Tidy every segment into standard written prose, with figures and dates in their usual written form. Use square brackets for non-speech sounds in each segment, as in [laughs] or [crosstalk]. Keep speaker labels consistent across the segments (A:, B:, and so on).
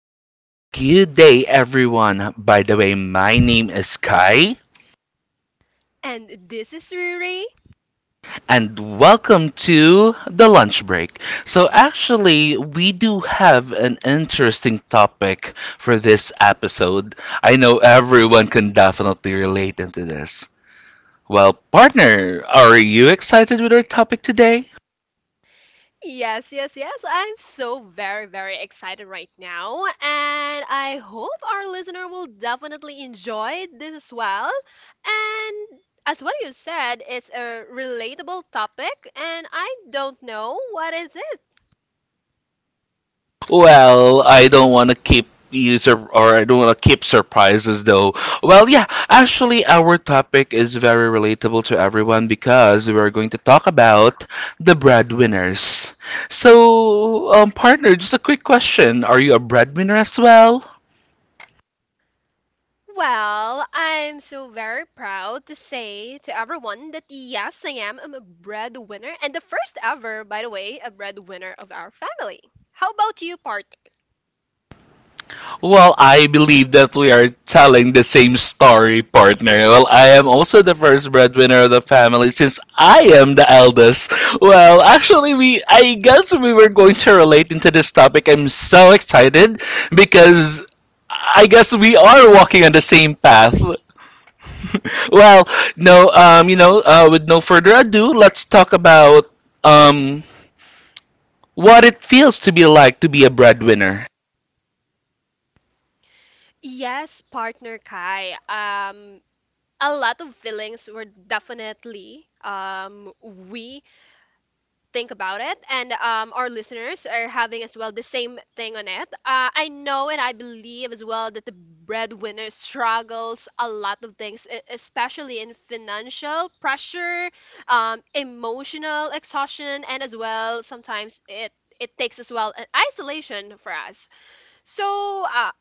A: Hi, good day everyone. By the way, my name is Kai
B: And this is Riri.
A: and welcome to the lunch break. So actually, we do have an interesting topic for this episode. I know everyone can definitely relate into this. Well, partner, are you excited with our topic today?
B: Yes, yes, yes. I'm so very, very excited right now. And I hope our listener will definitely enjoy this as well. And as what you said, it's a relatable topic, and I don't know what is it.
A: Well, I don't want to keep you sur- or I don't want to keep surprises though. Well, yeah, actually our topic is very relatable to everyone because we're going to talk about the breadwinners. So, partner, just a quick question. Are you a breadwinner as well?
B: Well, I'm so very proud to say to everyone that yes, I am. I'm a breadwinner, and the first ever, by the way, a breadwinner of our family. How about you, part?
A: Well, I believe that we are telling the same story, partner. Well, I am also the first breadwinner of the family since I am the eldest. Well, actually, we I guess we were going to relate into this topic. I'm so excited because I guess we are walking on the same path. Well, no, with no further ado, let's talk about um what it feels to be like to be a breadwinner.
B: Yes, partner Kai. A lot of feelings were definitely we think about it, and our listeners are having as well the same thing on it. I know and I believe as well that the breadwinner struggles a lot of things, especially in financial pressure, emotional exhaustion, and as well sometimes it takes as well an isolation for us. So, uh,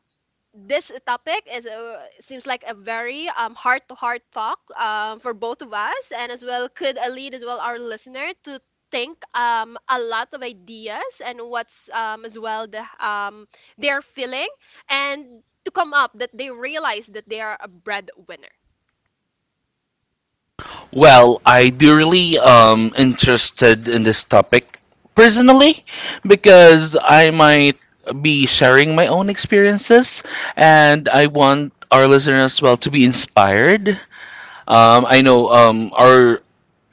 B: this topic is seems like a very heart to heart talk for both of us, and as well could lead as well our listener to think a lot of ideas and what's as well the they're feeling, and to come up that they realize that they are a breadwinner.
A: Well, I do really interested in this topic personally because I might be sharing my own experiences, and I want our listeners as well to be inspired. I know our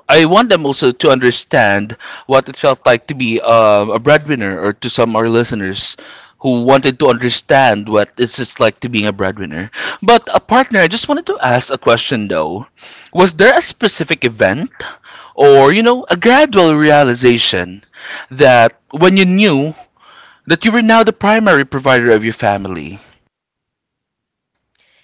A: I want them also to understand what it felt like to be a breadwinner, or to some of our listeners who wanted to understand what it's just like to being a breadwinner. But a partner, I just wanted to ask a question though. Was there a specific event, or you know, a gradual realization that when you knew that you were now the primary provider of your family?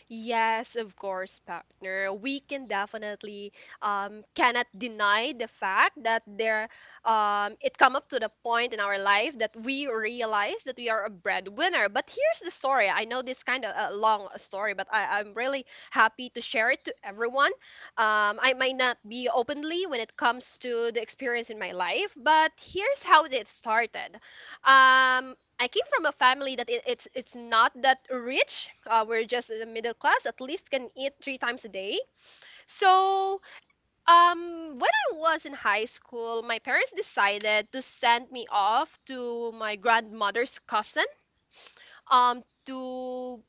B: Yes, of course, partner. We can definitely cannot deny the fact that there it come up to the point in our life that we realize that we are a breadwinner. But here's the story. I know this kind of a long story, but I'm really happy to share it to everyone. I might not be openly when it comes to the experience in my life, but here's how it started. I came from a family that it's not that rich. We're just in the middle class. At least can eat three times a day. So, when I was in high school, my parents decided to send me off to my grandmother's cousin to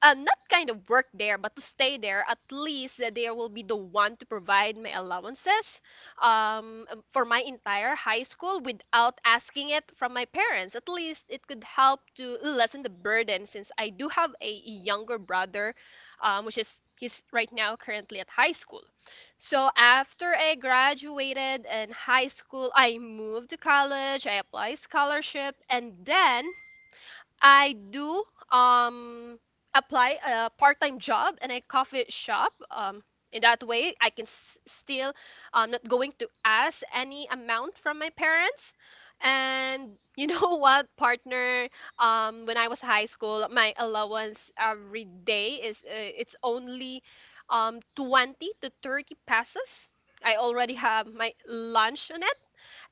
B: not kind of work there, but to stay there, at least that they will be the one to provide my allowances for my entire high school without asking it from my parents. At least it could help to lessen the burden since I do have a younger brother, which is he's right now currently at high school. So after I graduated in high school, I moved to college, I applied scholarship, and then I do um apply a part-time job in a coffee shop. In that way, I can still not going to ask any amount from my parents. And you know [laughs] what, partner? When I was high school, my allowance every day is it's only 20 to 30 pesos. I already have my lunch on it,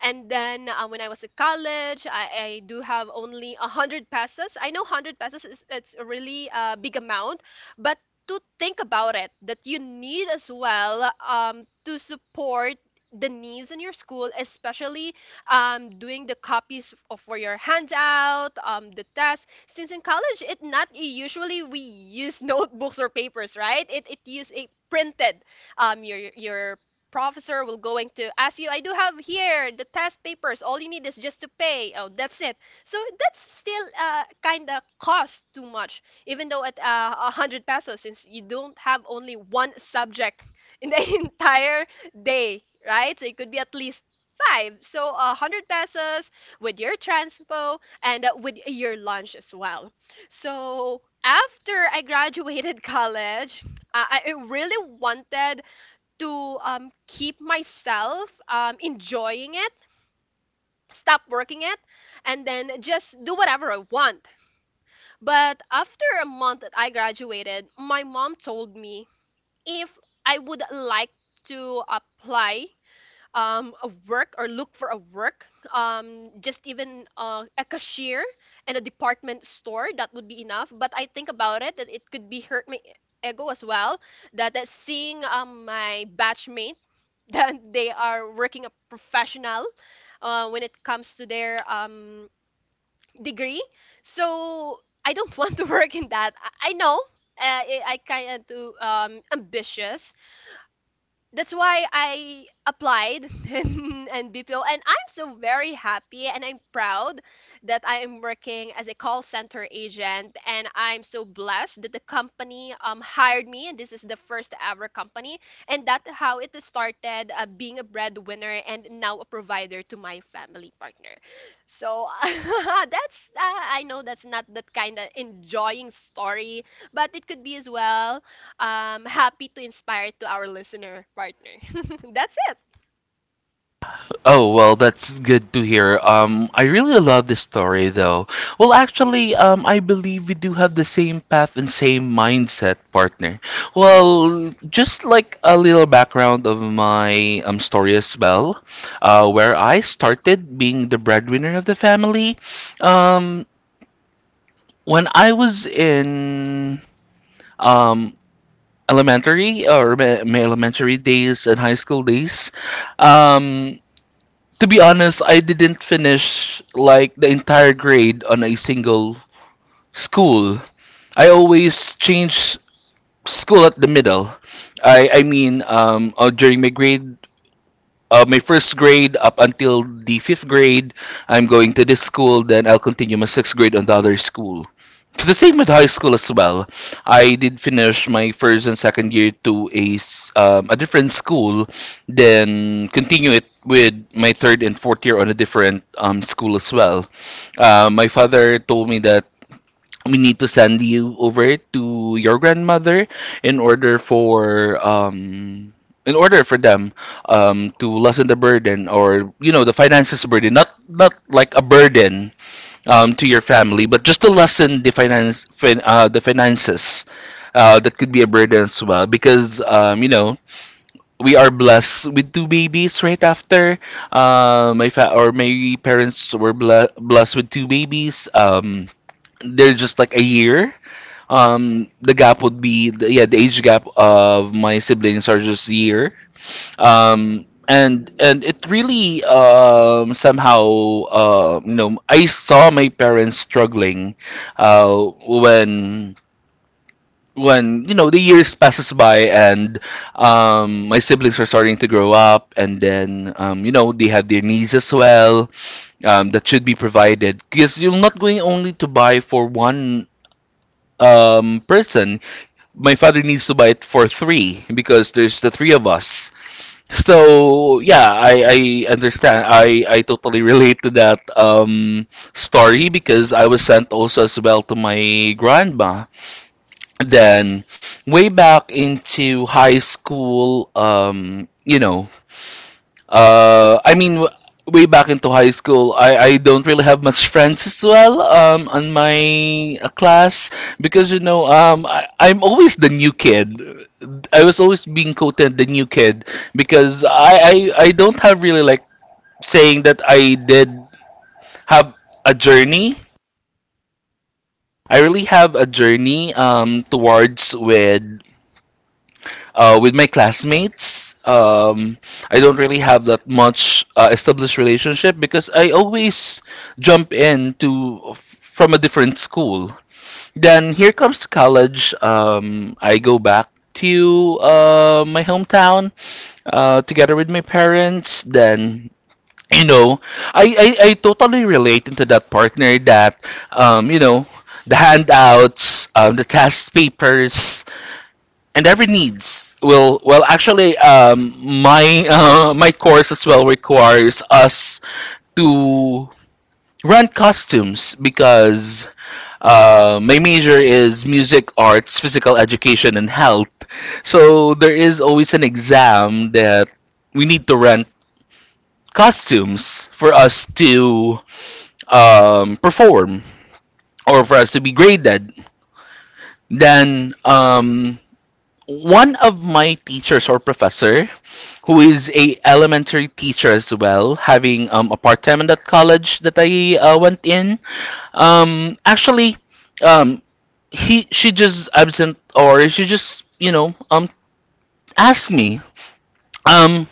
B: and then when I was at college, I do have only 100 pesos. I know 100 pesos is it's a really big amount, but to think about it, that you need as well to support the needs in your school, especially doing the copies for your handout, the test. Since in college, it not usually we use [laughs] notebooks or papers, right? It use a printed, your professor will going to ask you, I do have here the test papers, all you need is just to pay. Oh, that's it. So that's still kind of cost too much, even though at 100 pesos, since you don't have only one subject in the [laughs] entire day, right? So it could be at least five, so a 100 pesos with your transpo, and with your lunch as well. So after I graduated [laughs] college, I really wanted to keep myself enjoying it, stop working it, and then just do whatever I want. But after a month that I graduated, my mom told me if I would like to apply a work or look for a work, just even a cashier in a department store, that would be enough. But I think about it that it could be hurt my ego as well, that seeing my batchmate that they are working a professional, when it comes to their degree. So I don't [laughs] want to work in that. I know, I kind of too ambitious, that's why I applied [laughs] in BPO, and I'm so very happy and I'm proud that I am working as a call center agent, and I'm so blessed that the company hired me, and this is the first ever company, and that's how it started being a breadwinner and now a provider to my family, partner. So [laughs] that's I know that's not that kind of enjoying story, but it could be as well happy to inspire to our listener, partner. [laughs] That's it.
A: Oh, well, that's good to hear. I really love this story, though. Well, actually, I believe we do have the same path and same mindset, partner. Well, just like a little background of my story as well, where I started being the breadwinner of the family. Um, when I was in um, elementary or my elementary days and high school days, um, to be honest, I didn't finish like the entire grade on a single school. I always change school at the middle. During my grade my first grade up until the fifth grade, I'm going to this school. Then I'll continue my sixth grade on the other school. It's the same with high school as well. I did finish my first and second year to a different school, then continue it with my third and fourth year on a different school as well. My father told me that we need to send you over to your grandmother in order for um in order for them to lessen the burden, or you know, the finances burden, not like a burden to your family, but just to lessen the finances uh, that could be a burden as well, because you know we are blessed with two babies right after my fa- or my parents were blessed with two babies. They're just like a year the gap would be yeah, the age gap of my siblings are just a year. And it really somehow uh, you know, I saw my parents struggling, uh, when you know the years passes by, and my siblings are starting to grow up, and then you know they have their needs as well, that should be provided, because you're not going only to buy for one person. My father needs to buy it for three, because there's the three of us. So yeah, I understand. I totally [laughs] relate to that story, because I was sent also as well to my grandma. Then way back into high school, you know, uh, I mean, w- way back into high school, I don't really have much friends as well on my class, because, you know, I'm always the new kid. I was always being quoted the new kid, because I don't have really like saying that I did have a journey. I really have a journey towards with my classmates. I don't really have that much established relationship, because I always jump in to from a different school. Then here comes college. I go back to my hometown together with my parents. Then you know, I totally relate into that, partner, that you know the handouts, the test papers, and every needs will well actually my course as well requires us to rent costumes, because my major is music arts physical education and health, so there is always an exam that we need to rent costumes for us to perform or for us to be graded. Then one of my teachers or professor who is a elementary teacher as well, having apartment at college that I went in. Actually, um, he she just absent or she just you know asked me um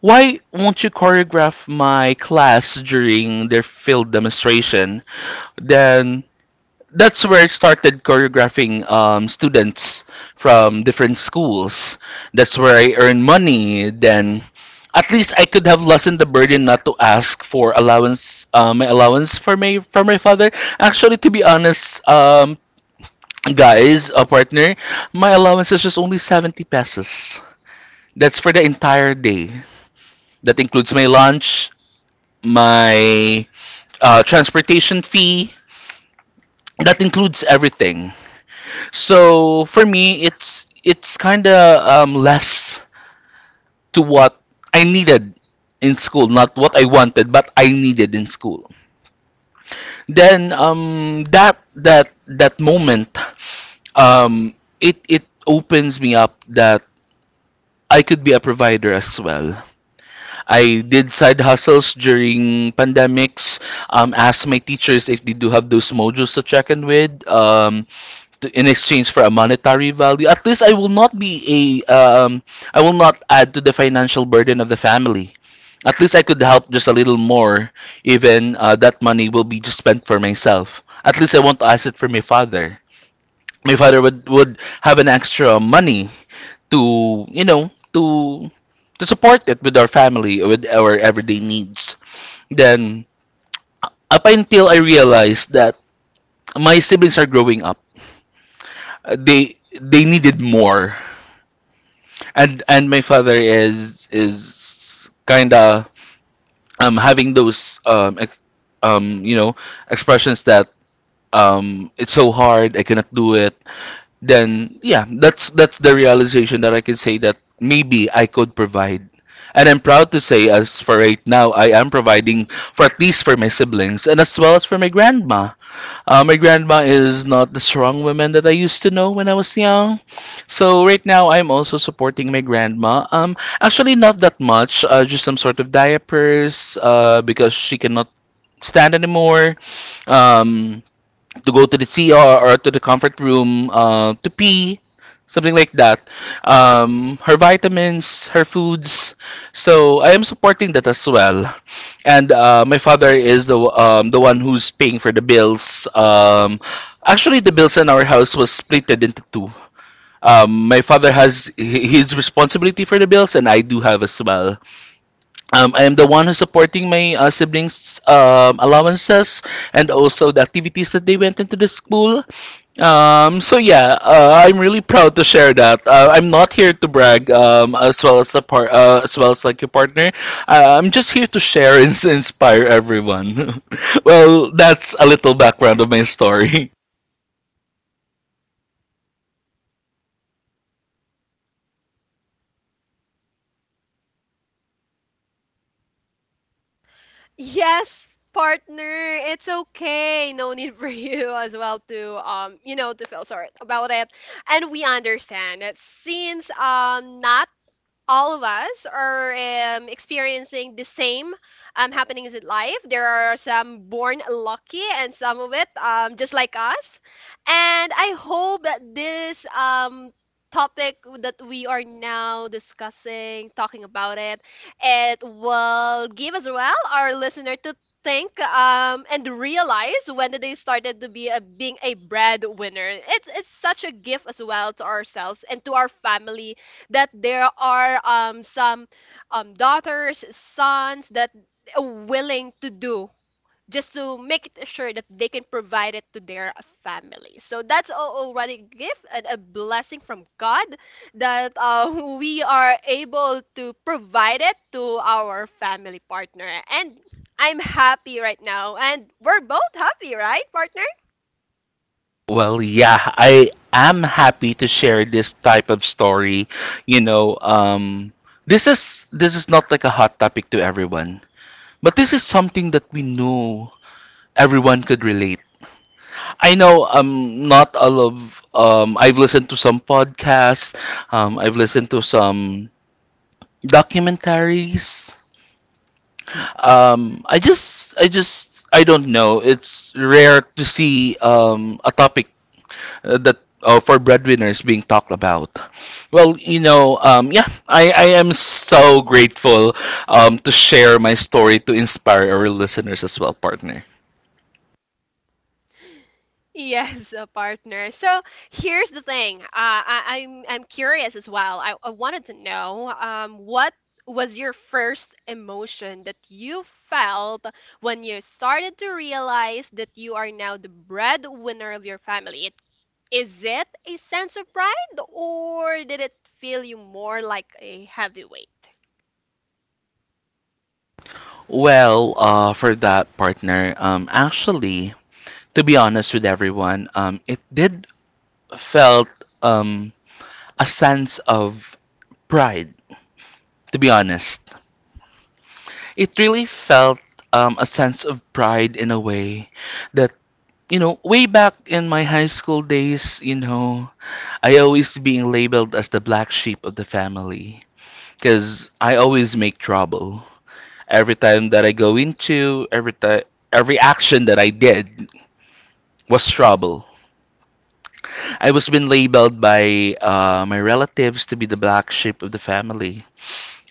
A: why won't you choreograph my class during their field demonstration? Then that's where I started choreographing students from different schools. That's where I earned money. Then, at least I could have lessened the burden not to ask for allowance, my allowance for my father. Actually, to be honest, guys, a partner, my allowance is just only 70 pesos. That's for the entire day. That includes my lunch, my transportation fee. That includes everything. So for me, it's kind of less to what I needed in school, not what I wanted, but I needed in school. Then that moment, it opens me up that I could be a provider as well. I did side hustles during pandemics. Asked my teachers if they do have those modules to check in with. In exchange for a monetary value. At least I will not be a um, I will not add to the financial burden of the family. At least I could help just a little more. Even that money will be just spent for myself. At least I want to ask it for my father. My father would have an extra money to you know to support it with our family with our everyday needs. Then up until I realized that my siblings are growing up, they needed more, and my father is kind of having those you know expressions that it's so hard, I cannot do it. Then yeah, that's the realization that I can say that maybe I could provide, and I'm proud to say as for right now I am providing for at least for my siblings, and as well as for my grandma. Uh, my grandma is not the strong woman that I used to know when I was young. So right now, I'm also supporting my grandma. Actually, not that much. Just some sort of diapers. Because she cannot stand anymore. Um, to go to the CR or to the comfort room to pee, something like that. Her vitamins, her foods. So I am supporting that as well. And my father is the one who's paying for the bills. Actually, the bills in our house was splitted into two. My father his responsibility for the bills, and I do have as well. I am the one who's supporting my siblings' allowances, and also the activities that they went into the school. So yeah, I'm really proud to share that. I'm not here to brag, as well as a part, as well as like a partner. I'm just here to share and [laughs] inspire everyone. [laughs] Well, that's a little background of my story. [laughs]
B: Yes, partner, it's okay. No need for [laughs] you as well to to feel sorry about it. And we understand that since not all of us are experiencing the same happenings in life. There are some born lucky and some of it, just like us. And I hope that this topic that we are now discussing, talking about it, it will give as well our listener to think, and realize when did they started to be being a breadwinner. It's such a gift as well to ourselves and to our family, that there are some daughters, sons that are willing to do just to make it sure that they can provide it to their family. So that's already a gift and a blessing from God, that [laughs] we are able to provide it to our family, partner. And I'm happy right now, and we're both happy, right, partner?
A: Well, yeah, I am happy to share this type of story. You know, this is not like a hot topic to everyone, but this is something that we know everyone could relate. I know not all of I've listened to some podcasts, I've listened to some documentaries. I don't know. It's rare to see a topic that for breadwinners being talked about. Well, you know, yeah, I am so grateful to share my story to inspire our listeners as well, partner.
B: Yes, a partner. So here's the thing. I'm curious as well. I wanted to know, what was your first emotion that you felt when you started to realize that you are now the breadwinner of your family? Is it a sense of pride, or did it feel you more like a heavyweight?
A: Well, for that partner, actually, to be honest with everyone, it did felt um, a sense of pride. To be honest, it really felt a sense of pride in a way that you know, way back in my high school days, you know, I always being labeled as the black sheep of the family because I always make trouble. Every every action that I did was trouble. I was been labeled by my relatives to be the black sheep of the family.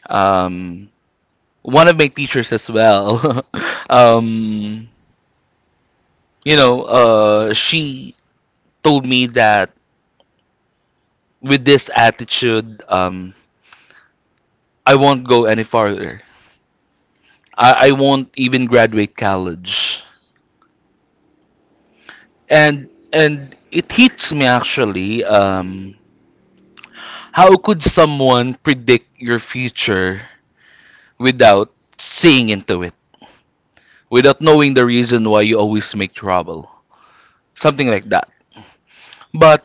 A: Um, One of my teachers as well. [laughs] um, you know, she told me that with this attitude, I won't go any farther. I won't even graduate college. And it hits me actually. How could someone predict your future without seeing into it? Without knowing the reason why you always make trouble. Something like that. But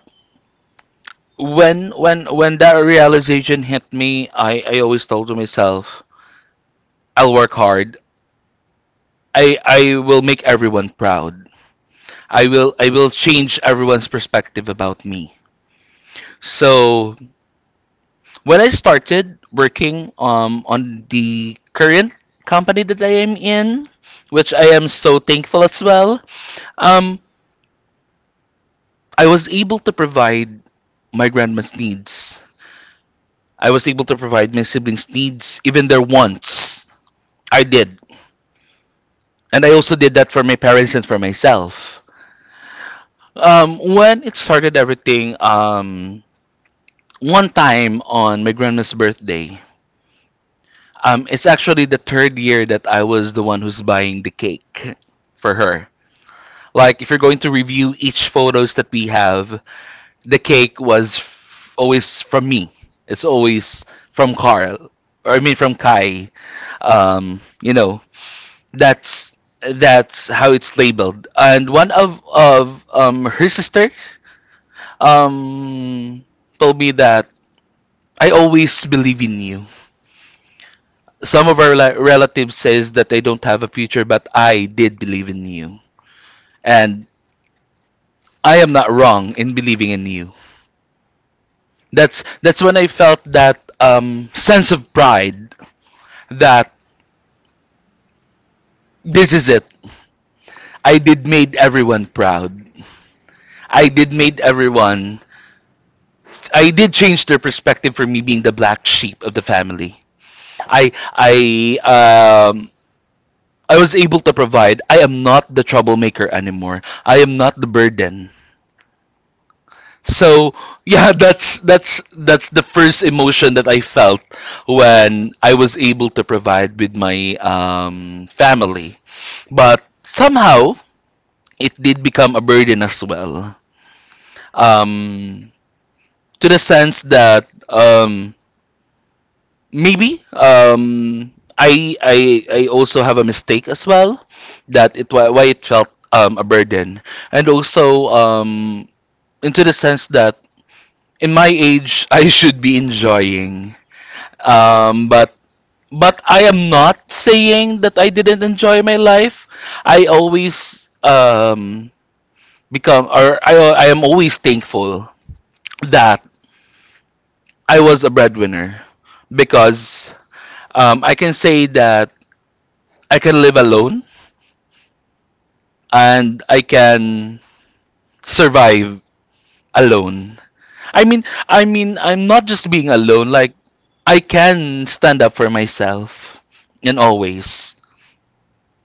A: when that realization hit me, I always told to myself, I'll work hard. I will make everyone proud. I will change everyone's perspective about me. So when I started working on the current company that I am in, which I am so thankful as well, um I was able to provide my grandma's needs. I was able to provide my siblings' needs, even their wants. I did. And I also did that for my parents and for myself. When it started everything, one time on my grandma's birthday, it's actually the third year that I was the one who's buying the cake for her. Like, if you're going to review each photos that we have, the cake was always from me. It's always from Carl. Or I mean, from Kai. Um, you know, That's that's how it's labeled. And one of her sister um told me that I always believe in you. Some of our relatives says that they don't have a future, but I did believe in you, and I am not wrong in believing in you. That's when I felt that sense of pride that this is it. I did made everyone proud. I did made everyone I did change their perspective for me being the black sheep of the family. I I um I was able to provide. I am not the troublemaker anymore. I am not the burden. So yeah, [laughs] that's the first emotion that I felt when I was able to provide with my family. But somehow it did become a burden as well. Um, to the sense that maybe I I also have a mistake as well that it why, it felt a burden and also into the sense that in my age [laughs] I should be enjoying but I am not saying that I didn't enjoy my life. I always become or I am always thankful that I was a breadwinner because I can say that I can live alone and I can survive alone. I mean, I'm not just being alone. Like, I can stand up for myself, and always.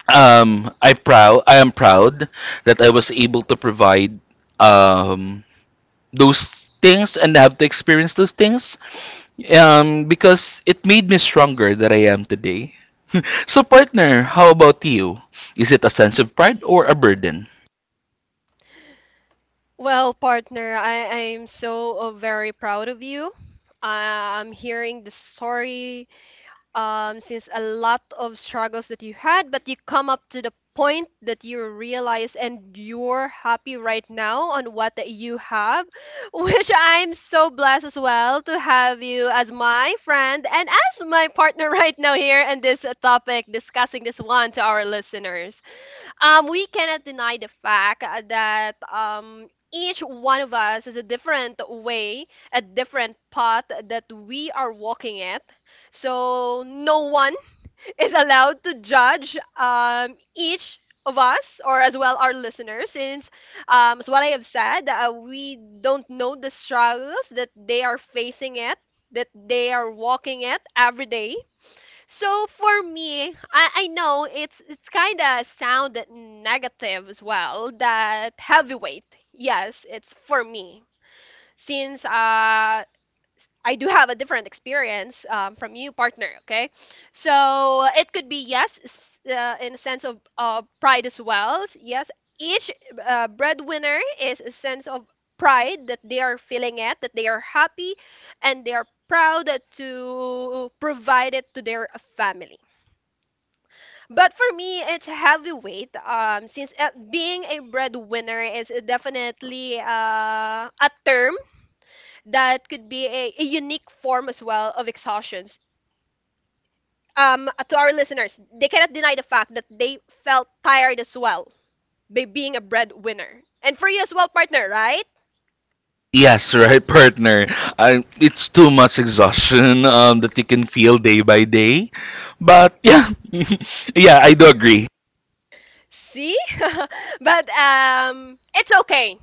A: I proud. I am proud that I was able to provide um those things and have to experience those things. Because it made me stronger that I am today. [laughs] So, partner, how about you? Is it a sense of pride or a burden?
B: Well, partner, I'm so very proud of you. I'm hearing the story, since a lot of struggles that you had, but you come up to the point that you realize and you're happy right now on what that you have, [laughs] which I'm so blessed as well to have you as my friend and as my partner [laughs] right now here in this topic, discussing this one to our listeners. We cannot deny the fact, that each one of us is a different way, a different path that we are walking it. So no one [laughs] is allowed to judge each of us or as well our listeners, since as what I have said, we don't know the struggles that they are facing it, that they are walking it every day. So for me, I know it's kind of sound negative as well, that heavyweight. Yes, it's for me, since I do have a different experience, from you, partner. Okay, so it could be yes, in a sense of pride as well. Yes, each breadwinner is a sense of pride that they are feeling it, that they are happy, and they are proud to provide it to their family. But for me, it's heavyweight. Since being a breadwinner is definitely a term that could be a unique form as well of exhaustions. To our listeners, they cannot deny the fact that they felt tired as well by being a breadwinner. And for you as well, partner, right?
A: Yes, [laughs] right, partner. It's too much exhaustion [laughs] that you can feel day by day. But yeah, [laughs] yeah, I do agree.
B: See? [laughs] but um, it's okay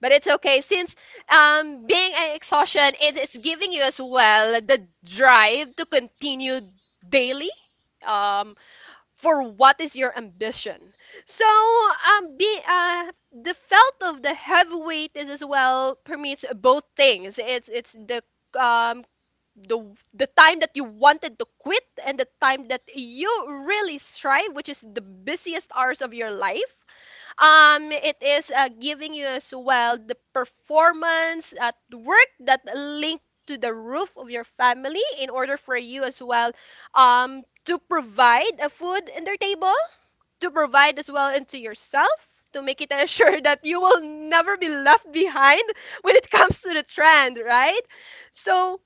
B: But it's okay since being an exhaustion, it is giving you as well the drive to continue daily, um for what is your ambition. So be the felt of the heavy weight is as well permits both things. It's the um the the time that you wanted to quit, and the time that you really strive, which is the busiest hours of your life. It is giving you as well the performance at work that link to the roof of your family, in order for you as well to provide a food in their table, to provide as well into yourself, to make it [laughs] assure that you will never be left behind [laughs] when it comes to the trend, right? So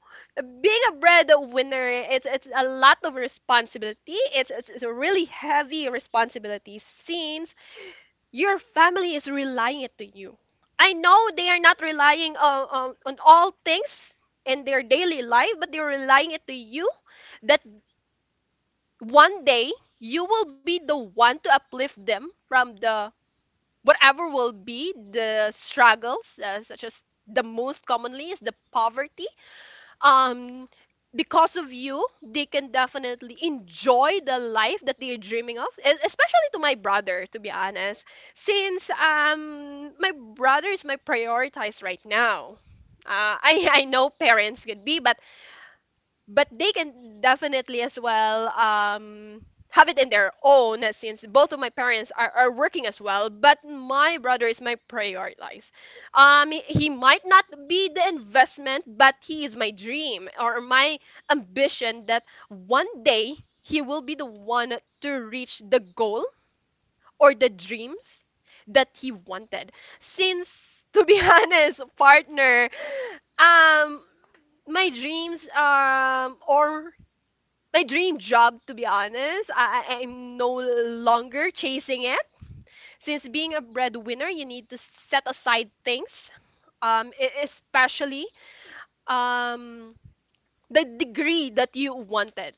B: being a breadwinner, it's a lot of responsibility. It's a really heavy responsibility, since your family is relying it to you. I know they are not relying on all things in their daily life, but they're relying it to you that one day you will be the one to uplift them from the whatever will be the struggles, such as the most commonly is the poverty. um because of you they can definitely enjoy the life that they're dreaming of, especially to my brother, to be honest, since my brother is my prioritized right now. [laughs] I know parents could be, but they can definitely as well have it in their own, since both of my parents are working as well, but my brother is my prioritize. He might not be the investment, but he is my dream or my ambition that one day he will be the one to reach the goal or the dreams that he wanted. Since to be [laughs] honest, partner, um my dreams or my dream job, to be honest, I'm no longer chasing it, since being a breadwinner you need to set aside things, especially um the degree that you wanted.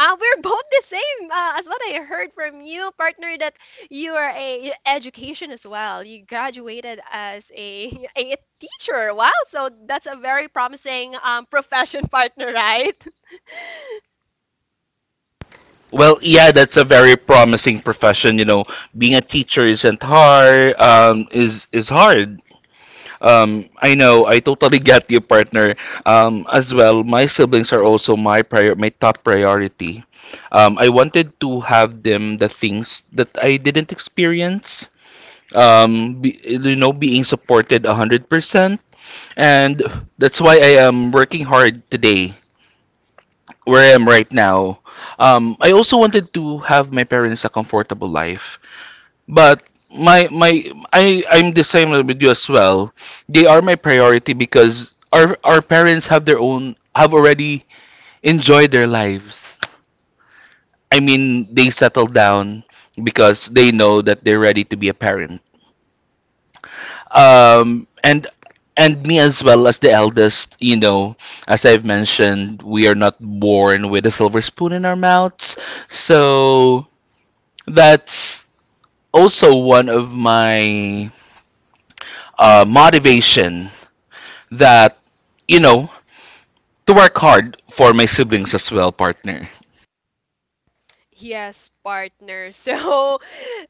B: We're [laughs] both the same, as what I heard from you, partner, that you are a education as well. You graduated as a [laughs] a teacher. Wow, so that's a very promising profession, [laughs] partner, right?
A: Well, yeah, that's a very promising profession. You know, being a teacher isn't hard. Is hard. I know. I totally get you, partner. As well, my siblings are also my top priority. I wanted to have them the things that I didn't experience. Be, being supported 100%. And that's why I am working hard today where I am right now. I also wanted to have my parents a comfortable life, but my I'm the same with you as well. They are my priority because our parents have their own, have already enjoyed their lives. I mean, they settled down because they know that they're ready to be a parent. Um and and me as well, as the eldest, as I've mentioned, we are not born with a silver spoon in our mouths. So that's also one of my motivation that you know to work hard for my siblings as well, partner.
B: Yes, partner. [laughs] So,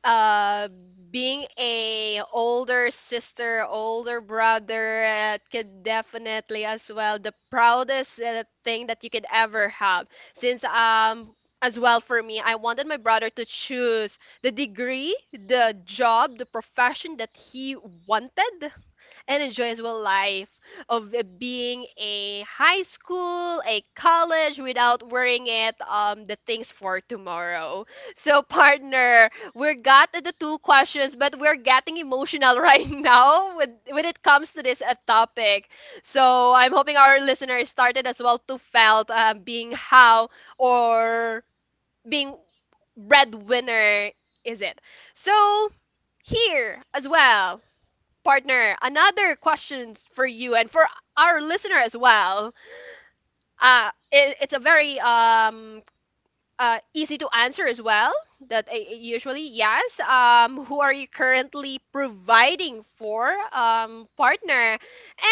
B: uh, being a older sister, older brother, could definitely as well the proudest thing that you could ever have. Since as well for me, I wanted my brother to choose the degree, the job, the profession that he wanted and enjoys well life of being a high school, a college, without worrying it the things for tomorrow. So [laughs] partner, we got the two questions, but we're getting emotional [laughs] right now with when it comes to this topic. So I'm hoping our listeners started as well to felt being how or being breadwinner is it. So here as well partner, another question for you and for our listener as well. It's a very easy to answer as well. That usually yes. Who are you currently providing for, partner,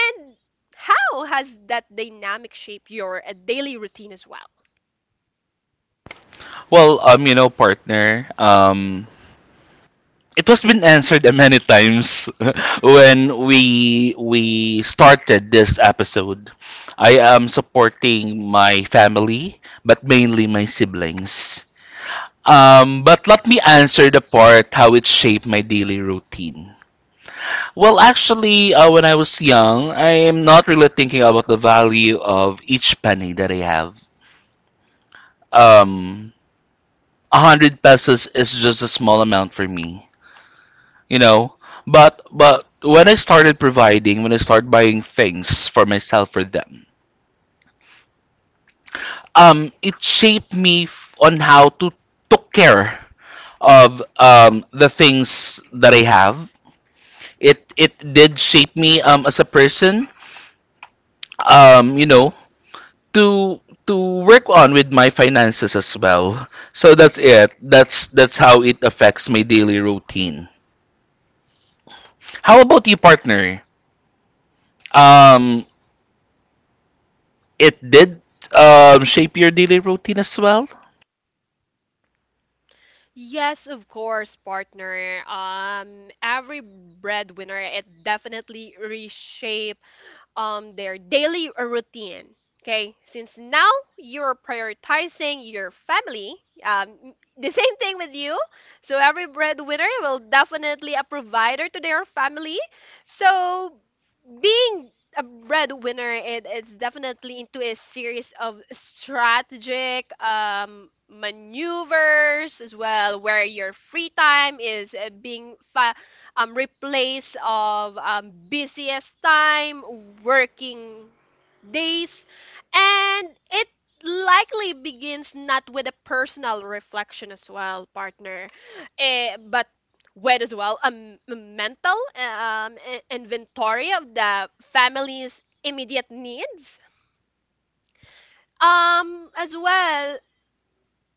B: and how has that dynamic shaped your daily routine as well?
A: Well, partner, it was been answered many times [laughs] when we started this episode. I am supporting my family, but mainly my siblings. But let me answer the part how it shaped my daily routine. Well, actually, when I was young, I am not really thinking about the value of each penny that I have. Um, 100 pesos is just a small amount for me. You know, but when I started providing, when I started buying things for myself, for them, it shaped me on how to took care of the things that I have. It did shape me as a person, um you know to to work on with my finances as well. So that's it. That's how it affects my daily routine. How about you, partner? um it did shape your daily routine as well?
B: Yes, of course, partner. Every breadwinner, it definitely reshape their daily routine. Okay, since now you're prioritizing your family, um, the [laughs] same thing with you. So every breadwinner will definitely a provider to their family. So being a breadwinner, it's definitely into a series of strategic maneuvers as well, where your free time is being replace of busiest time working days, and it likely begins not with a personal reflection as well, partner, but with as well a a mental inventory of the family's immediate needs, as well.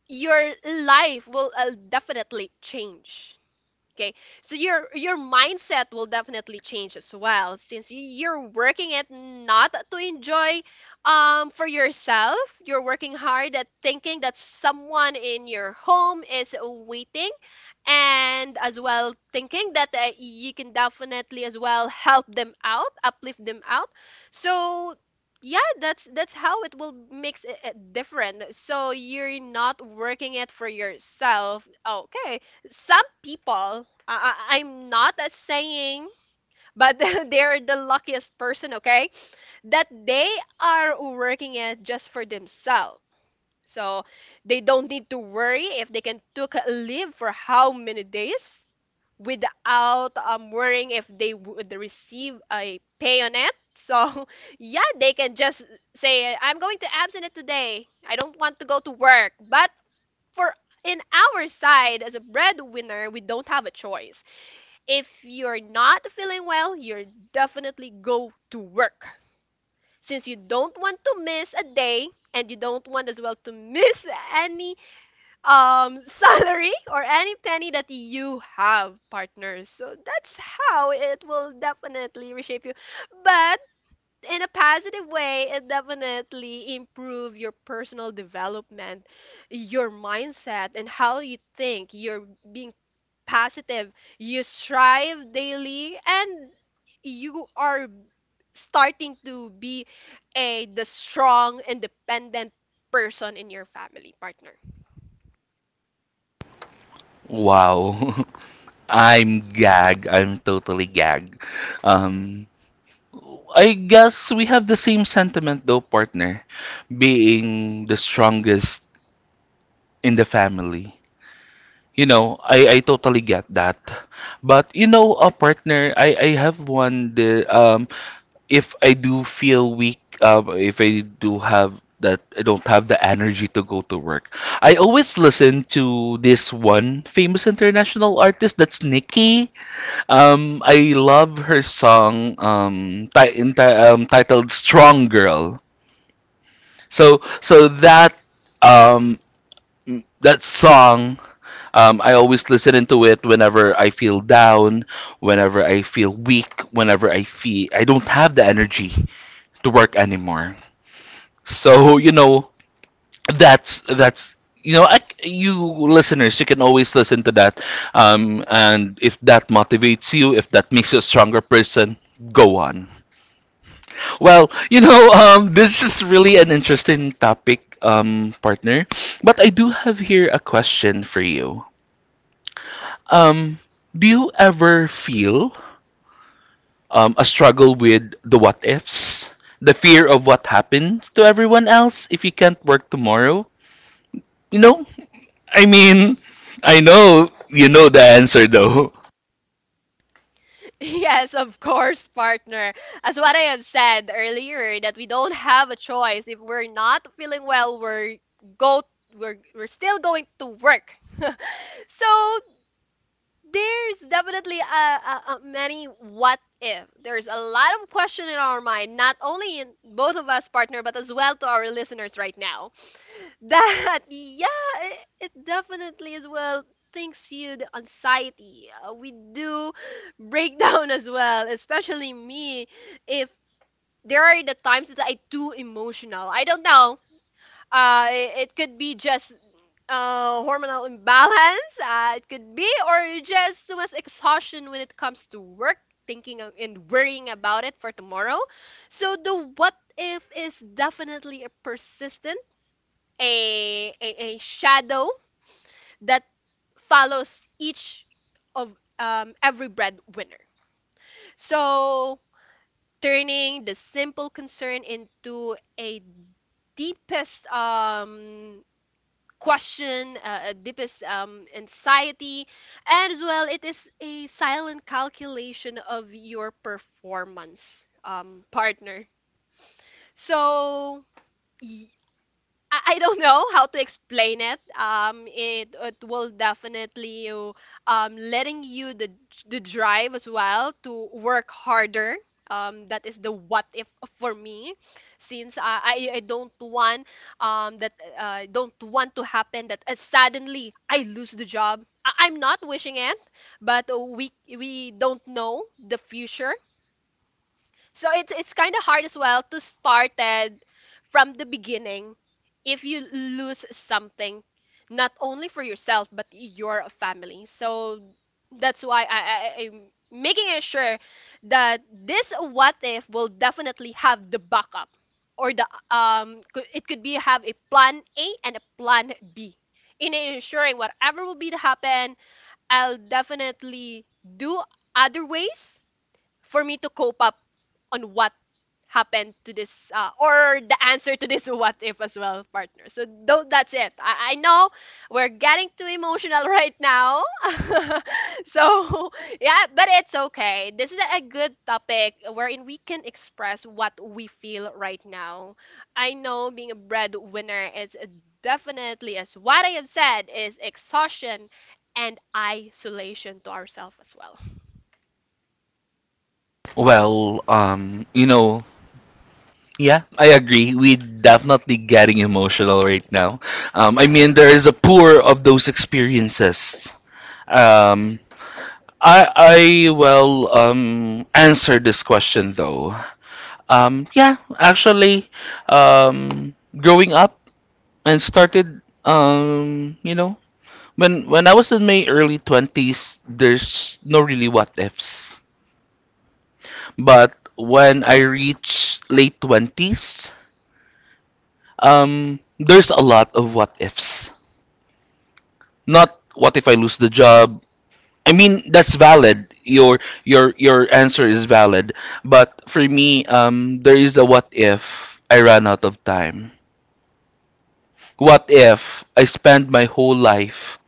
B: Your life will definitely change. Okay, so your mindset will definitely change as well, since you're working it not to enjoy for yourself. You're working hard at thinking that someone in your home is waiting, and as well thinking that you can definitely as well help them out, uplift them out. So yeah, that's how it will makes it different, so you're not working it for yourself. Okay, some people, I'm not saying, but [laughs] they're the luckiest person. Okay, that they are working it just for themselves. So they don't need to worry if they can took a leave for how many days without worrying if they would receive a pay on it. So [laughs] yeah, they can just say, "I'm going to absent it today. I don't want to go to work." But for in our side as a breadwinner, we don't have a choice. If you're not feeling well, you're definitely go to work, since you don't want to miss a day, and you don't want as well to [laughs] miss any [laughs] salary or any penny that you have, partners. So that's how it will definitely reshape you. But in a positive way, it definitely improve your personal development, your mindset, and how you think. You're being positive, you strive daily, and you are starting to be a the strong independent person in your family, partner.
A: Wow. [laughs] I'm gag. I'm totally gag. Um, I guess we have the same sentiment though, partner, being the strongest in the family. You know, I totally get that. But you know, a partner, I have one the if I do feel weak, if I do have that, I don't have the energy to go to work. I always listen to this one famous international artist. That's Nicki. I love her song titled "Strong Girl." So, so that um, that song. I always listen into it whenever I feel down, whenever I feel weak, whenever I feel I don't have the energy to work anymore. So you know, that's you listeners you can always listen to that, and if that motivates you, if that makes you a stronger person, go on. Well, you know, this is really an interesting topic, partner. But I do have here a question for you. Um, do you ever feel a struggle with the what ifs? The fear of what happens to everyone else if you can't work tomorrow? You know, I mean, I know you know the answer though.
B: [laughs] Yes, of course, partner. As what I have said earlier, that we don't have a choice. If we're not feeling well, we're go we're still going to work. [laughs] So there's definitely a many what if. There's a lot of question in our mind, not only in both of us, partner, but as well to our listeners right now. That, [laughs] yeah, it definitely as well thinks you the anxiety. We do break [laughs] down as well, especially me. If there are the times that I too emotional, I don't know. It could be just hormonal imbalance. It could be, or just too much exhaustion when it comes to work, and worrying about it for tomorrow. So the what if is definitely a persistent a shadow that follows each of every breadwinner. So turning the simple concern into a deepest question, a deepest anxiety, as well, it is a silent calculation of your performance, partner. So. y- I don't know how to explain it. It it will definitely you letting you the drive as well to work harder. That is the what if for me, since I don't want that I don't want to happen that suddenly I lose the job. I'm not wishing it, but we don't know the future, so it's kind of hard as well to start it from the beginning if you lose something, not only for yourself but your family. So that's why, I, I'm making it sure that this what if will definitely have the backup or the it could be have a plan A and a plan B in ensuring whatever will be to happen. I'll definitely do other ways for me to cope up on what happened to this or the answer to this [laughs] what if as well, partner. So though that's it, I know we're getting too emotional right now. [laughs] so yeah, but it's okay, this is a good topic wherein we can express what we feel right now. I know being a breadwinner is definitely, as what I have said, is exhaustion and isolation to ourselves as well.
A: Well, you know, yeah, I agree. We definitely getting emotional right now. I mean, there is a pour of those experiences. Um, I will answer this question though. Yeah, actually, growing up and started when I was in my early 20s, there's no really what ifs. But when I reach late 20s, there's a lot of what ifs. Not what if I lose the job. I mean, that's valid. Your answer is valid. But for me, there is a what if I ran out of time. What if I spent my whole life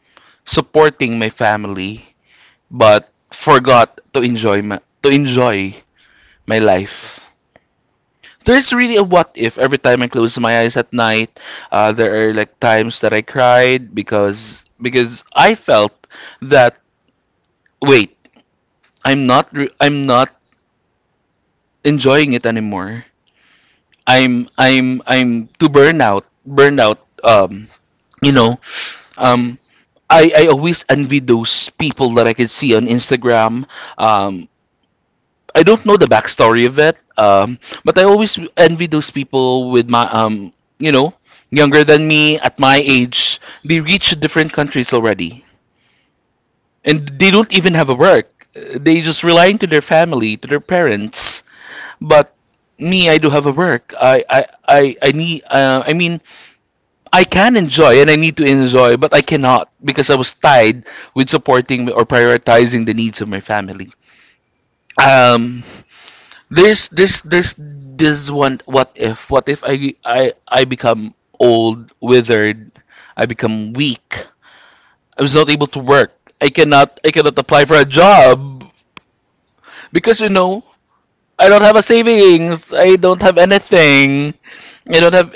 A: supporting my family but forgot to enjoy my life? There's really a what if every time I close my eyes at night. There are like times that I cried because I felt that, wait, I'm not enjoying it anymore. I'm too burned out. You know, um, I always envy those people that I could see on Instagram. Um, I don't know the backstory of it, but I always envy those people with my, you know, younger than me at my age. They reach different countries already, and they don't even have a work. They just relying to their family, to their parents. But me, I do have a work. I need. I mean, I can enjoy, and I need to enjoy, but I cannot because I was tied with supporting or prioritizing the needs of my family. Um, there's this one what if. What if I become old, withered? I become weak. I was not able to work. I cannot apply for a job because, you know, I don't have a savings, I don't have anything, I don't have,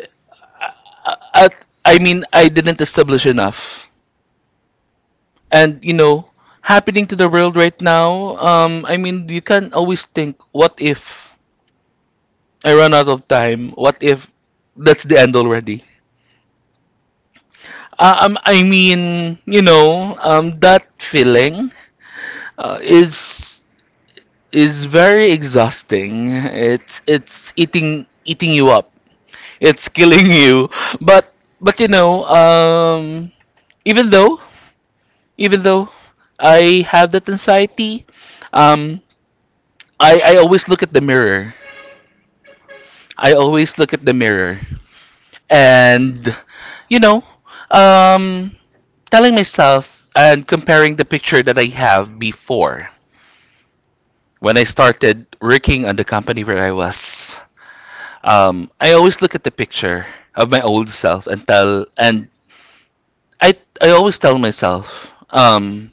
A: I mean, I didn't establish enough. And you know, happening to the world right now, I mean, you can always think, what if I run out of time, what if that's the end already. I mean, you know, that feeling uh, is is very exhausting. It's eating you up. It's [laughs] killing you. But you know, even though even though I have that anxiety, um, I always look at the mirror. I always look at the mirror, and you know, um, telling myself and comparing the picture that I have before when I started working on the company where I was. I always look at the picture of my old self and I, I always tell myself,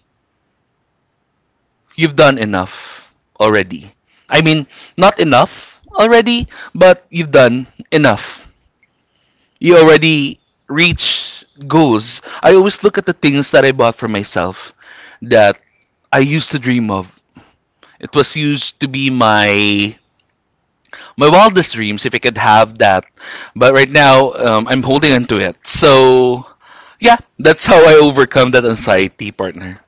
A: you've done enough already. I mean, not enough already, but you've done enough. You already reach goals. I always look at the things that I bought for myself that I used to dream of. It was used to be my wildest dreams if I could have that. But right now, I'm holding on to it. So, yeah, that's how I overcome that anxiety, partner.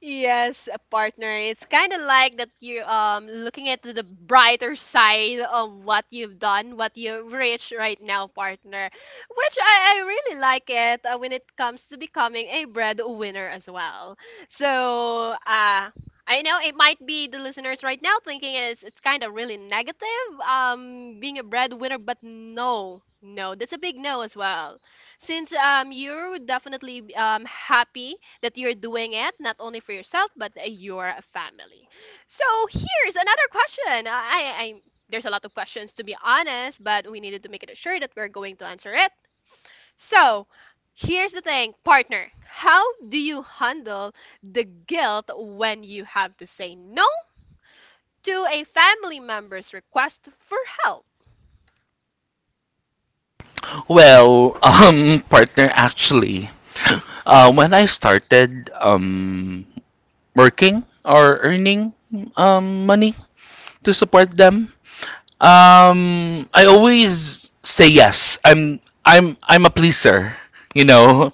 B: Yes, a partner. It's kind of like that you looking at the brighter side of what you've done, what you've reached right now, partner. Which I really like it when it comes to becoming a breadwinner as well. So, I know it might be the listeners right now thinking it's kind of really negative being a breadwinner, but no. No, that's a big no as well. Since you're definitely happy that you're doing it not only for yourself but your family. So here's another question. I there's a lot of questions to be honest, but we needed to make it sure that we're going to answer it. So here's the thing, partner. How do you handle the guilt when you have to say no to a family member's request for help?
A: Well, [laughs] partner, actually, when I started working or earning money to support them. I always say yes. I'm a pleaser. You know,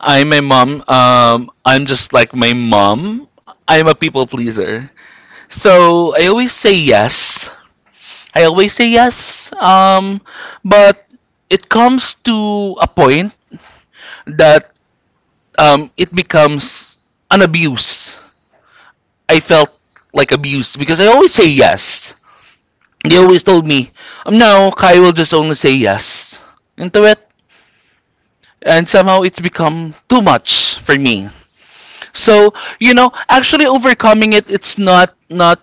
A: I'm my mom. I'm just like my mom. I'm a people pleaser. So I always say yes. I always say yes. But it comes to a point that it becomes an abuse. I felt like abuse because I always say yes. They always told me, now Kai will just only say yes into it. And somehow it's become too much for me. So, you know, actually overcoming it, it's not, not,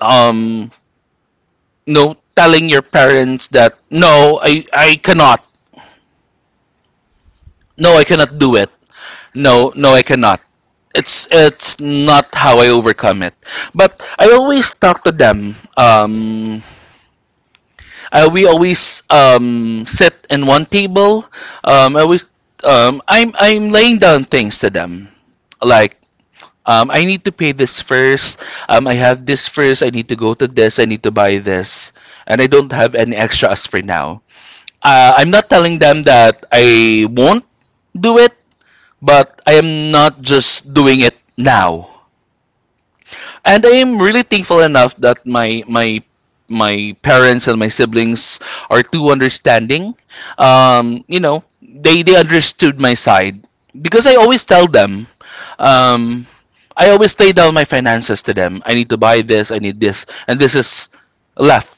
A: um, you know, telling your parents that, no, I cannot. No, I cannot do it. No, I cannot. It's not how I overcome it. But I always talk to them. We always sit in one table. I always I'm laying down things to them, like I need to pay this first. I have this first. I need to go to this. I need to buy this, and I don't have any extras for now. I'm not telling them that I won't do it, but I am not just doing it now and I am really thankful enough that my parents and my siblings are too understanding. You know, they understood my side because I always tell them. Um, I always lay down my finances to them. I need to buy this. I need this, and this is left,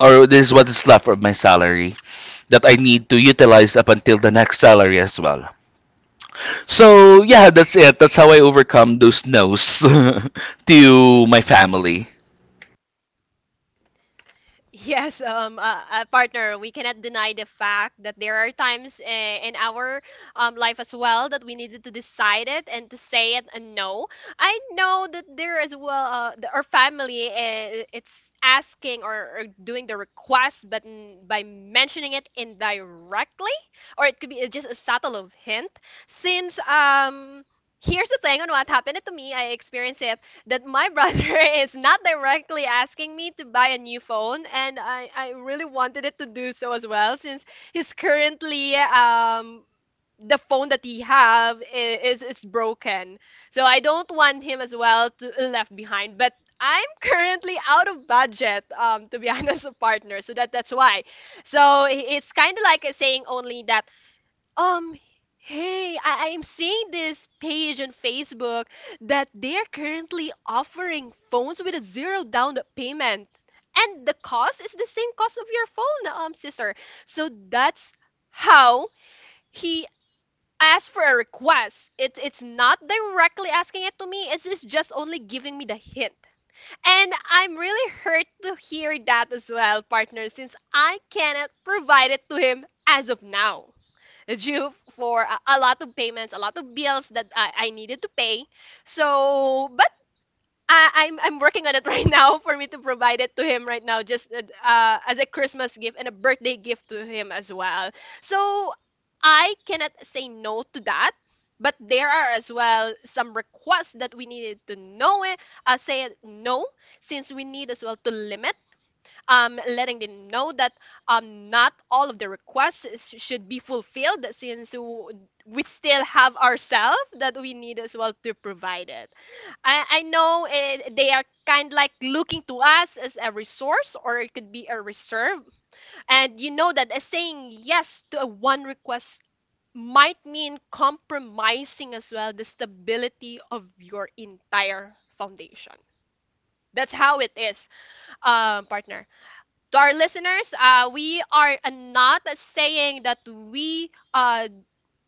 A: or this is what is left of my salary that I need to utilize up until the next salary as well. So yeah, that's it. That's how I overcome those no's [laughs] to my family.
B: Yes, partner, we cannot deny the fact that there are times in our life as well that we needed to decide it and to say it and no. I know that there as well, our family, it's asking or doing the request, but by mentioning it indirectly, or it could be just a subtle of hint. Since here's the thing on what happened to me, I experienced it that my brother [laughs] is not directly asking me to buy a new phone, and I really wanted it to do so as well, since he's currently the phone that he have is broken. So I don't want him as well to left behind. But I'm currently out of budget, to be [laughs] honest, a partner. So that that's why. So it's kind of like a saying only that, um, hey, I'm seeing this page on Facebook that they're currently offering phones with a zero down payment. And the cost is the same cost of your phone, sister. So that's how he asked for a request. It, it's not directly asking it to me, it's just only giving me the hint. And I'm really hurt to hear that as well, partner, since I cannot provide it to him as of now due for a lot of payments, a lot of bills that I needed to pay. But I'm working on it [laughs] right now for me to provide it to him right now, just as a Christmas gift and a birthday gift to him as well. So I cannot say no to that. But there are as well some requests that we needed to know it, say it no, since we need as well to limit letting them know that not all of the requests should be fulfilled since we still have ourselves that we need as well to provide it. I know it, they are kind like looking to us as a resource or it could be a reserve. And you know that saying yes to a one request might mean compromising as well the stability of your entire foundation. That's how it is, partner, to our listeners, we are not saying that we uh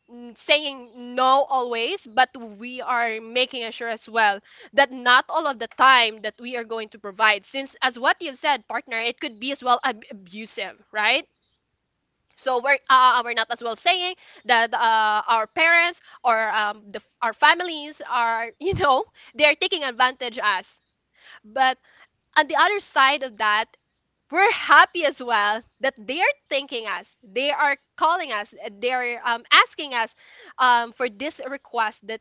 B: n- saying no always, but we are making sure as well that not all of the time that we are going to provide, since as what you've said, partner, it could be as well abusive, right? So we're we're not as well saying that our parents or the, our families are [laughs] they are taking advantage us, but on the other side of that we're happy as well that they are thanking us, they are calling us, they're asking us, for this request that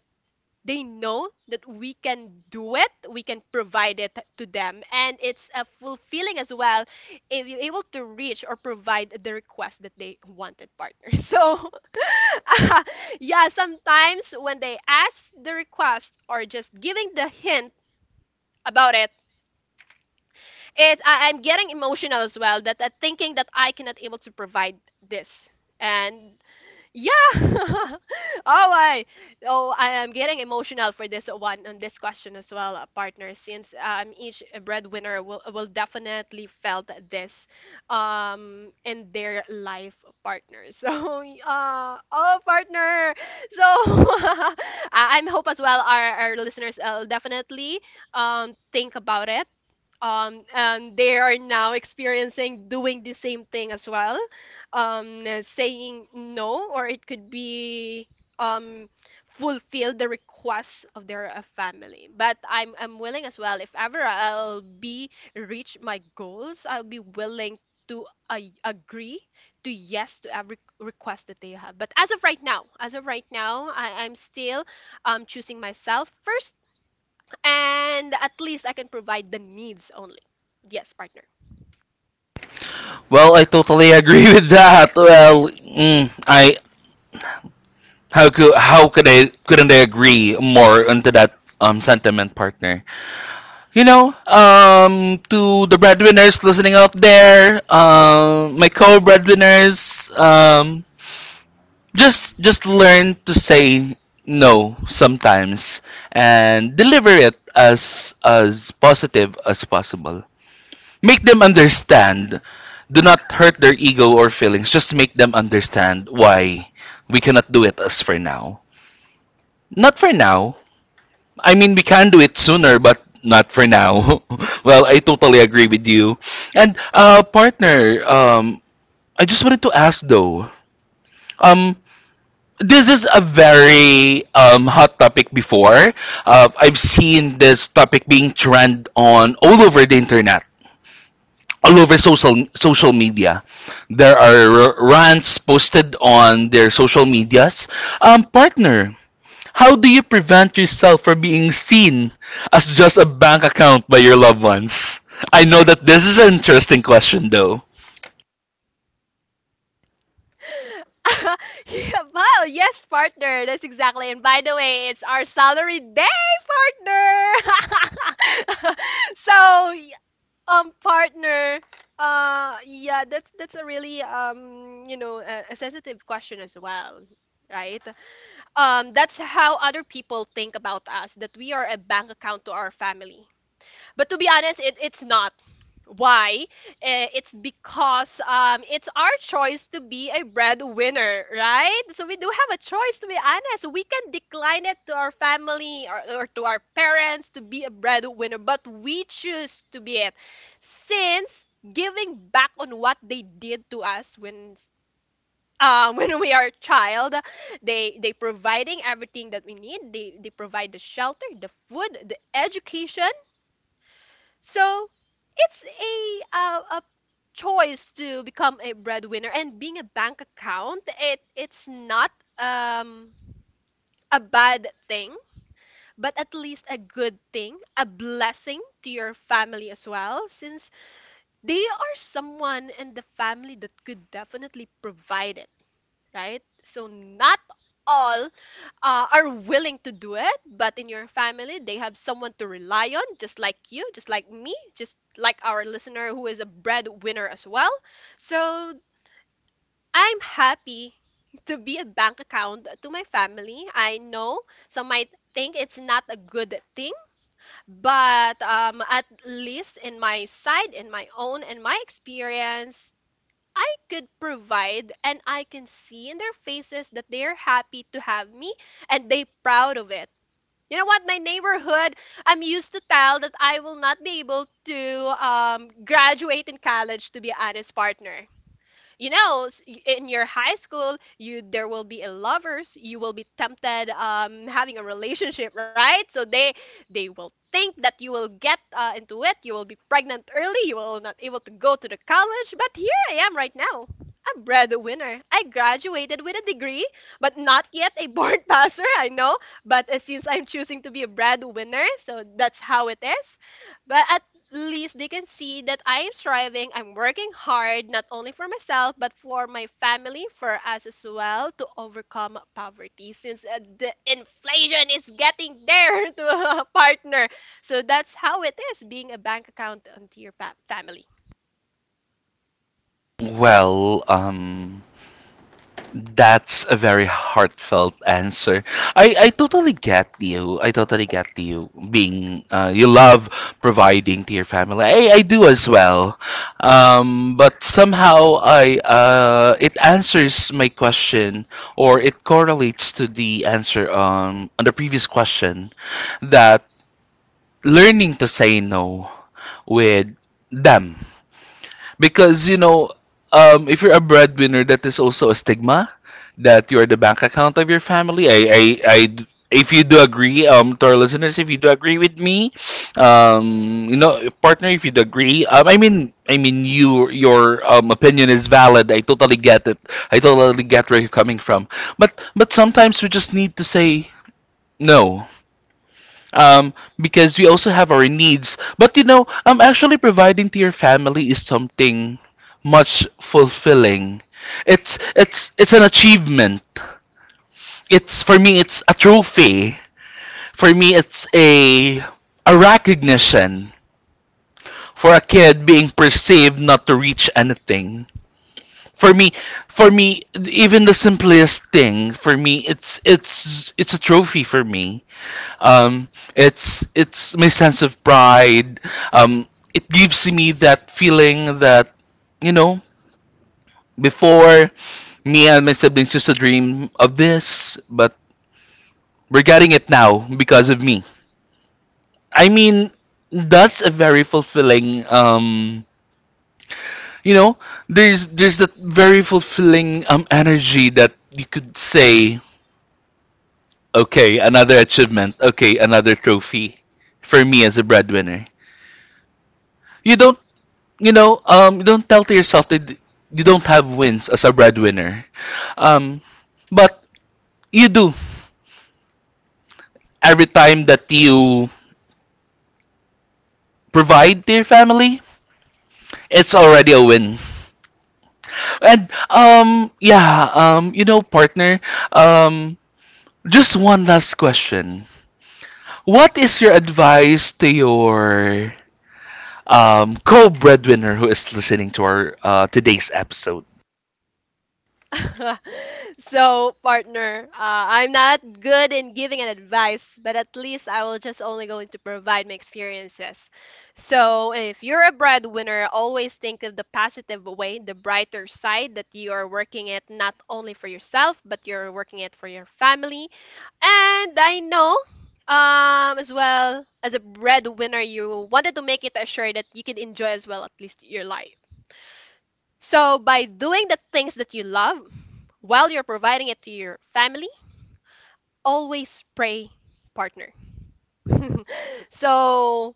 B: they know that we can do it, we can provide it to them, and it's a fulfilling as well if you're able to reach or provide the request that they wanted, partner. [laughs] So [laughs] yeah, sometimes when they ask the request or just giving the hint about it, it's, I'm getting emotional as well that, that thinking that I cannot able to provide this. And yeah, [laughs] I oh, I am getting emotional for this one on this question as well, partner. Since each breadwinner will definitely felt this in their life, partner. So [laughs] uh, oh, partner. So [laughs] I, I'm hope as well our listeners definitely think about it, and they are now experiencing doing the same thing as well, saying no, or it could be um, fulfill the requests of their family. But I'm willing as well. If ever I'll be reach my goals, I'll be willing to agree to yes to every request that they have. But as of right now, as of right now, I'm still choosing myself first and at least I can provide the needs only. Yes, partner.
A: Well, I totally agree [laughs] with that. Well, mm, I how could I couldn't I agree more onto that sentiment, partner? You know, to the breadwinners listening out there, my co-breadwinners, just learn to say no sometimes and deliver it as positive as possible. Make them understand. Do not hurt their ego or feelings. Just make them understand why we cannot do it as for now. Not for now. I mean, we can do it sooner, but not for now. [laughs] Well, I totally agree with you. And partner, I just wanted to ask though. Um, this is a very hot topic before. I've seen this topic being trend on all over the internet, all over social media. There are rants posted on their social medias. Partner, how do you prevent yourself from being seen as just a bank account by your loved ones? I know that this is an interesting question, though.
B: [laughs] Yeah, wow, yes, partner. That's exactly. And by the way, it's our salary day, partner. [laughs] So, partner, yeah, that's a really you know, a sensitive question as well, right? That's how other people think about us, that we are a bank account to our family. But to be honest, it, it's not. Why? It's because it's our choice to be a breadwinner, right? So we do have a choice, to be honest. We can decline it to our family, or to our parents, to be a breadwinner, but we choose to be it. Since giving back on what they did to us when [laughs] when we are a child, they providing everything that we need. They provide the shelter, the food, the education. So it's a choice to become a breadwinner and being a bank account. It's not um a bad thing, but at least a good thing, a blessing to your family as well, since they are someone in the family that could definitely provide it, right? So not all are willing to do it, but in your family, they have someone to rely on, just like you, just like me, just like our listener who is a breadwinner as well. So I'm happy to be a bank account to my family. I know some might think it's not a good thing, but at least in my side, in my own, in my experience, I could provide and I can see in their faces that they're happy to have me and they proud of it. You know what? My neighborhood, I'm used to tell that I will not be able to graduate in college, to be an honest, partner. You know, in your high school, you, there will be a lovers, you will be tempted having a relationship, right? So they will think that you will get into it, you will be pregnant early, you will not able to go to the college, but here I am right now, a breadwinner. I graduated with a degree, but not yet a board [laughs] passer, I know, but since I'm choosing to be a breadwinner, so that's how it is. But at least they can see that I'm striving, I'm working hard, not only for myself, but for my family, for us as well, to overcome poverty, since the inflation is getting there [laughs] to a partner. So that's how it is, being a bank account onto your family.
A: Well, that's a very heartfelt answer. I totally get you. I totally get you being you love providing to your family. I do as well. But somehow I it answers my question or it correlates to the answer on the previous question that learning to say no with them because, you know, if you're a breadwinner, that is also a stigma that you're the bank account of your family. If you do agree, to our listeners, if you do agree with me, you know, partner, if you do agree, I mean, your opinion is valid. I totally get it. I totally get where you're coming from. But sometimes we just need to say no um, because we also have our needs. But you know, actually providing to your family is something much fulfilling. It's an achievement. It's for me, it's a trophy. For me, it's a recognition for a kid being perceived not to reach anything. For me, for me, even the simplest thing for me, it's a trophy for me. Um, it's my sense of pride. Um, it gives me that feeling that you know before me and my siblings used to dream of this, but we're getting it now because of me. I mean, that's a very fulfilling. You know, there's that very fulfilling energy that you could say, okay, another achievement, okay, another trophy, for me as a breadwinner. You don't you know, don't tell to yourself that you don't have wins as a breadwinner. Um, but you do. Every time that you provide to your family, it's already a win. And yeah, you know, partner, um, just one last question. What is your advice to your co-breadwinner who is listening to our today's episode?
B: [laughs] So, partner, I'm not good in giving an advice, but at least I will just only going to provide my experiences. So, if you're a breadwinner, always think of the positive way, the brighter side, that you are working it not only for yourself, but you're working it for your family. And I know, as well as a breadwinner, you wanted to make it assured that you could enjoy as well at least your life. So, by doing the things that you love while you're providing it to your family, always pray, partner. So,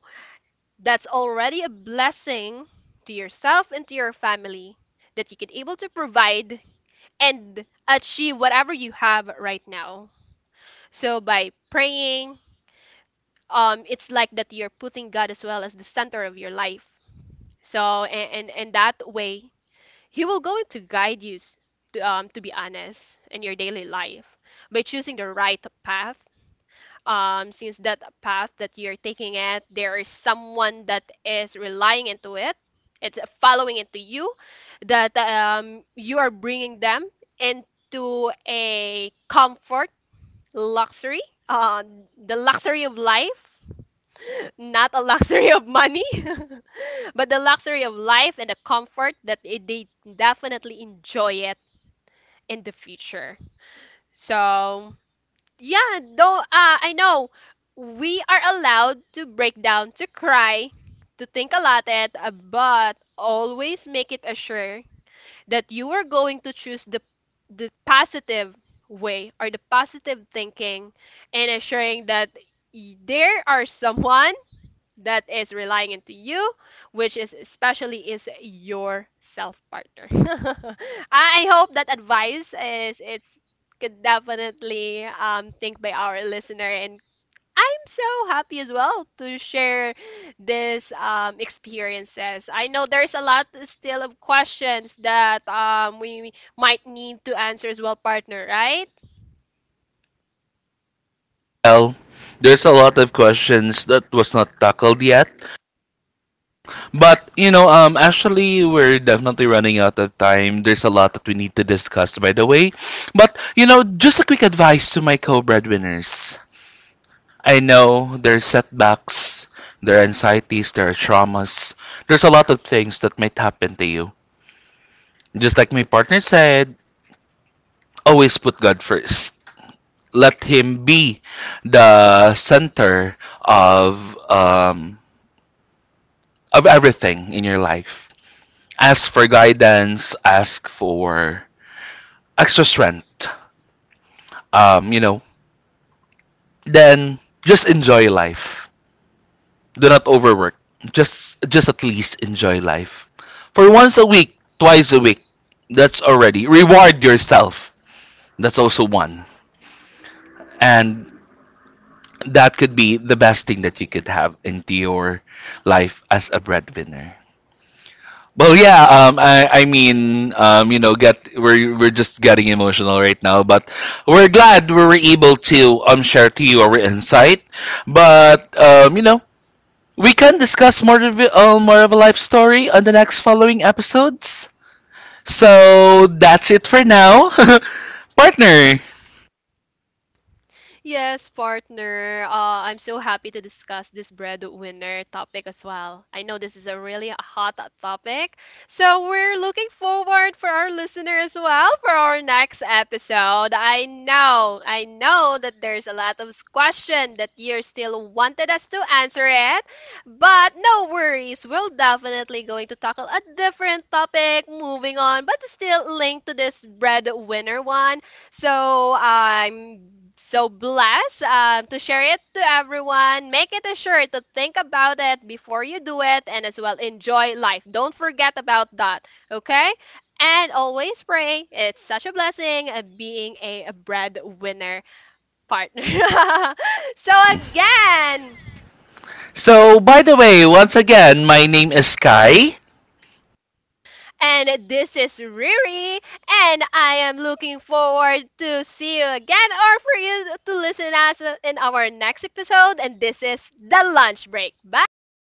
B: that's already a blessing to yourself and to your family, that you can able to provide and achieve whatever you have right now. So, by praying, it's like that you're putting God as well as the center of your life. So, and that way, He will go to guide you, to be honest, in your daily life by choosing the right path. Since that path that you're taking it, there is someone that is relying into it. It's following into you, that you are bringing them into a comfort, luxury, uh, the luxury of life, not a [laughs] luxury of money. [laughs] But the luxury of life and the comfort that it, they definitely enjoy it in the future. So, yeah, though I know we are allowed to break down, to cry, to think a lot at, but always make it assure that you are going to choose the positive way, or the positive thinking, and assuring that there are someone that is relying into you, which is especially is your self, partner. [laughs] I hope that advice is it's could definitely think by our listener, and I'm so happy as well to share this experiences. I know there's a lot still of questions that we might need to answer as well, partner, right?
A: Well, there's a lot of questions that was not tackled yet, but you know, actually, we're definitely running out of time. There's a lot that we need to discuss, by the way. But you know, just a quick advice to my co-breadwinners. I know there's setbacks, there are anxieties, there are traumas. There's a lot of things that might happen to you. Just like my partner said, always put God first. Let Him be the center of everything in your life. Ask for guidance. Ask for extra strength, you know, then just enjoy life. Do not overwork. Just at least enjoy life. For once a week, twice a week, that's already reward yourself. That's also one. And that could be the best thing that you could have into your life as a breadwinner. Well, yeah. I mean, you know, get we're just getting emotional right now, but we're glad we were able to share to you our insight. But you know, we can discuss more of a life story on the next following episodes. So that's it for now, [laughs] partner.
B: Yes, partner. I'm so happy to discuss this breadwinner topic as well. I know this is a really hot topic. So we're looking forward for our listener as well for our next episode. I know that there's a lot of question that you still wanted us to answer it. But no worries, we'll definitely going to tackle a different topic moving on, but still linked to this breadwinner one. So I'm so blessed, to share it to everyone. Make it a sure to think about it before you do it, and as well enjoy life. Don't forget about that, okay? And always pray. It's such a blessing, being a breadwinner, partner. [laughs] So again,
A: So by the way, once again, my name is Kai.
B: and this is Riri, and I am looking forward to see you again, or for you to listen us in our next episode. And this is The Lunch Break. Bye!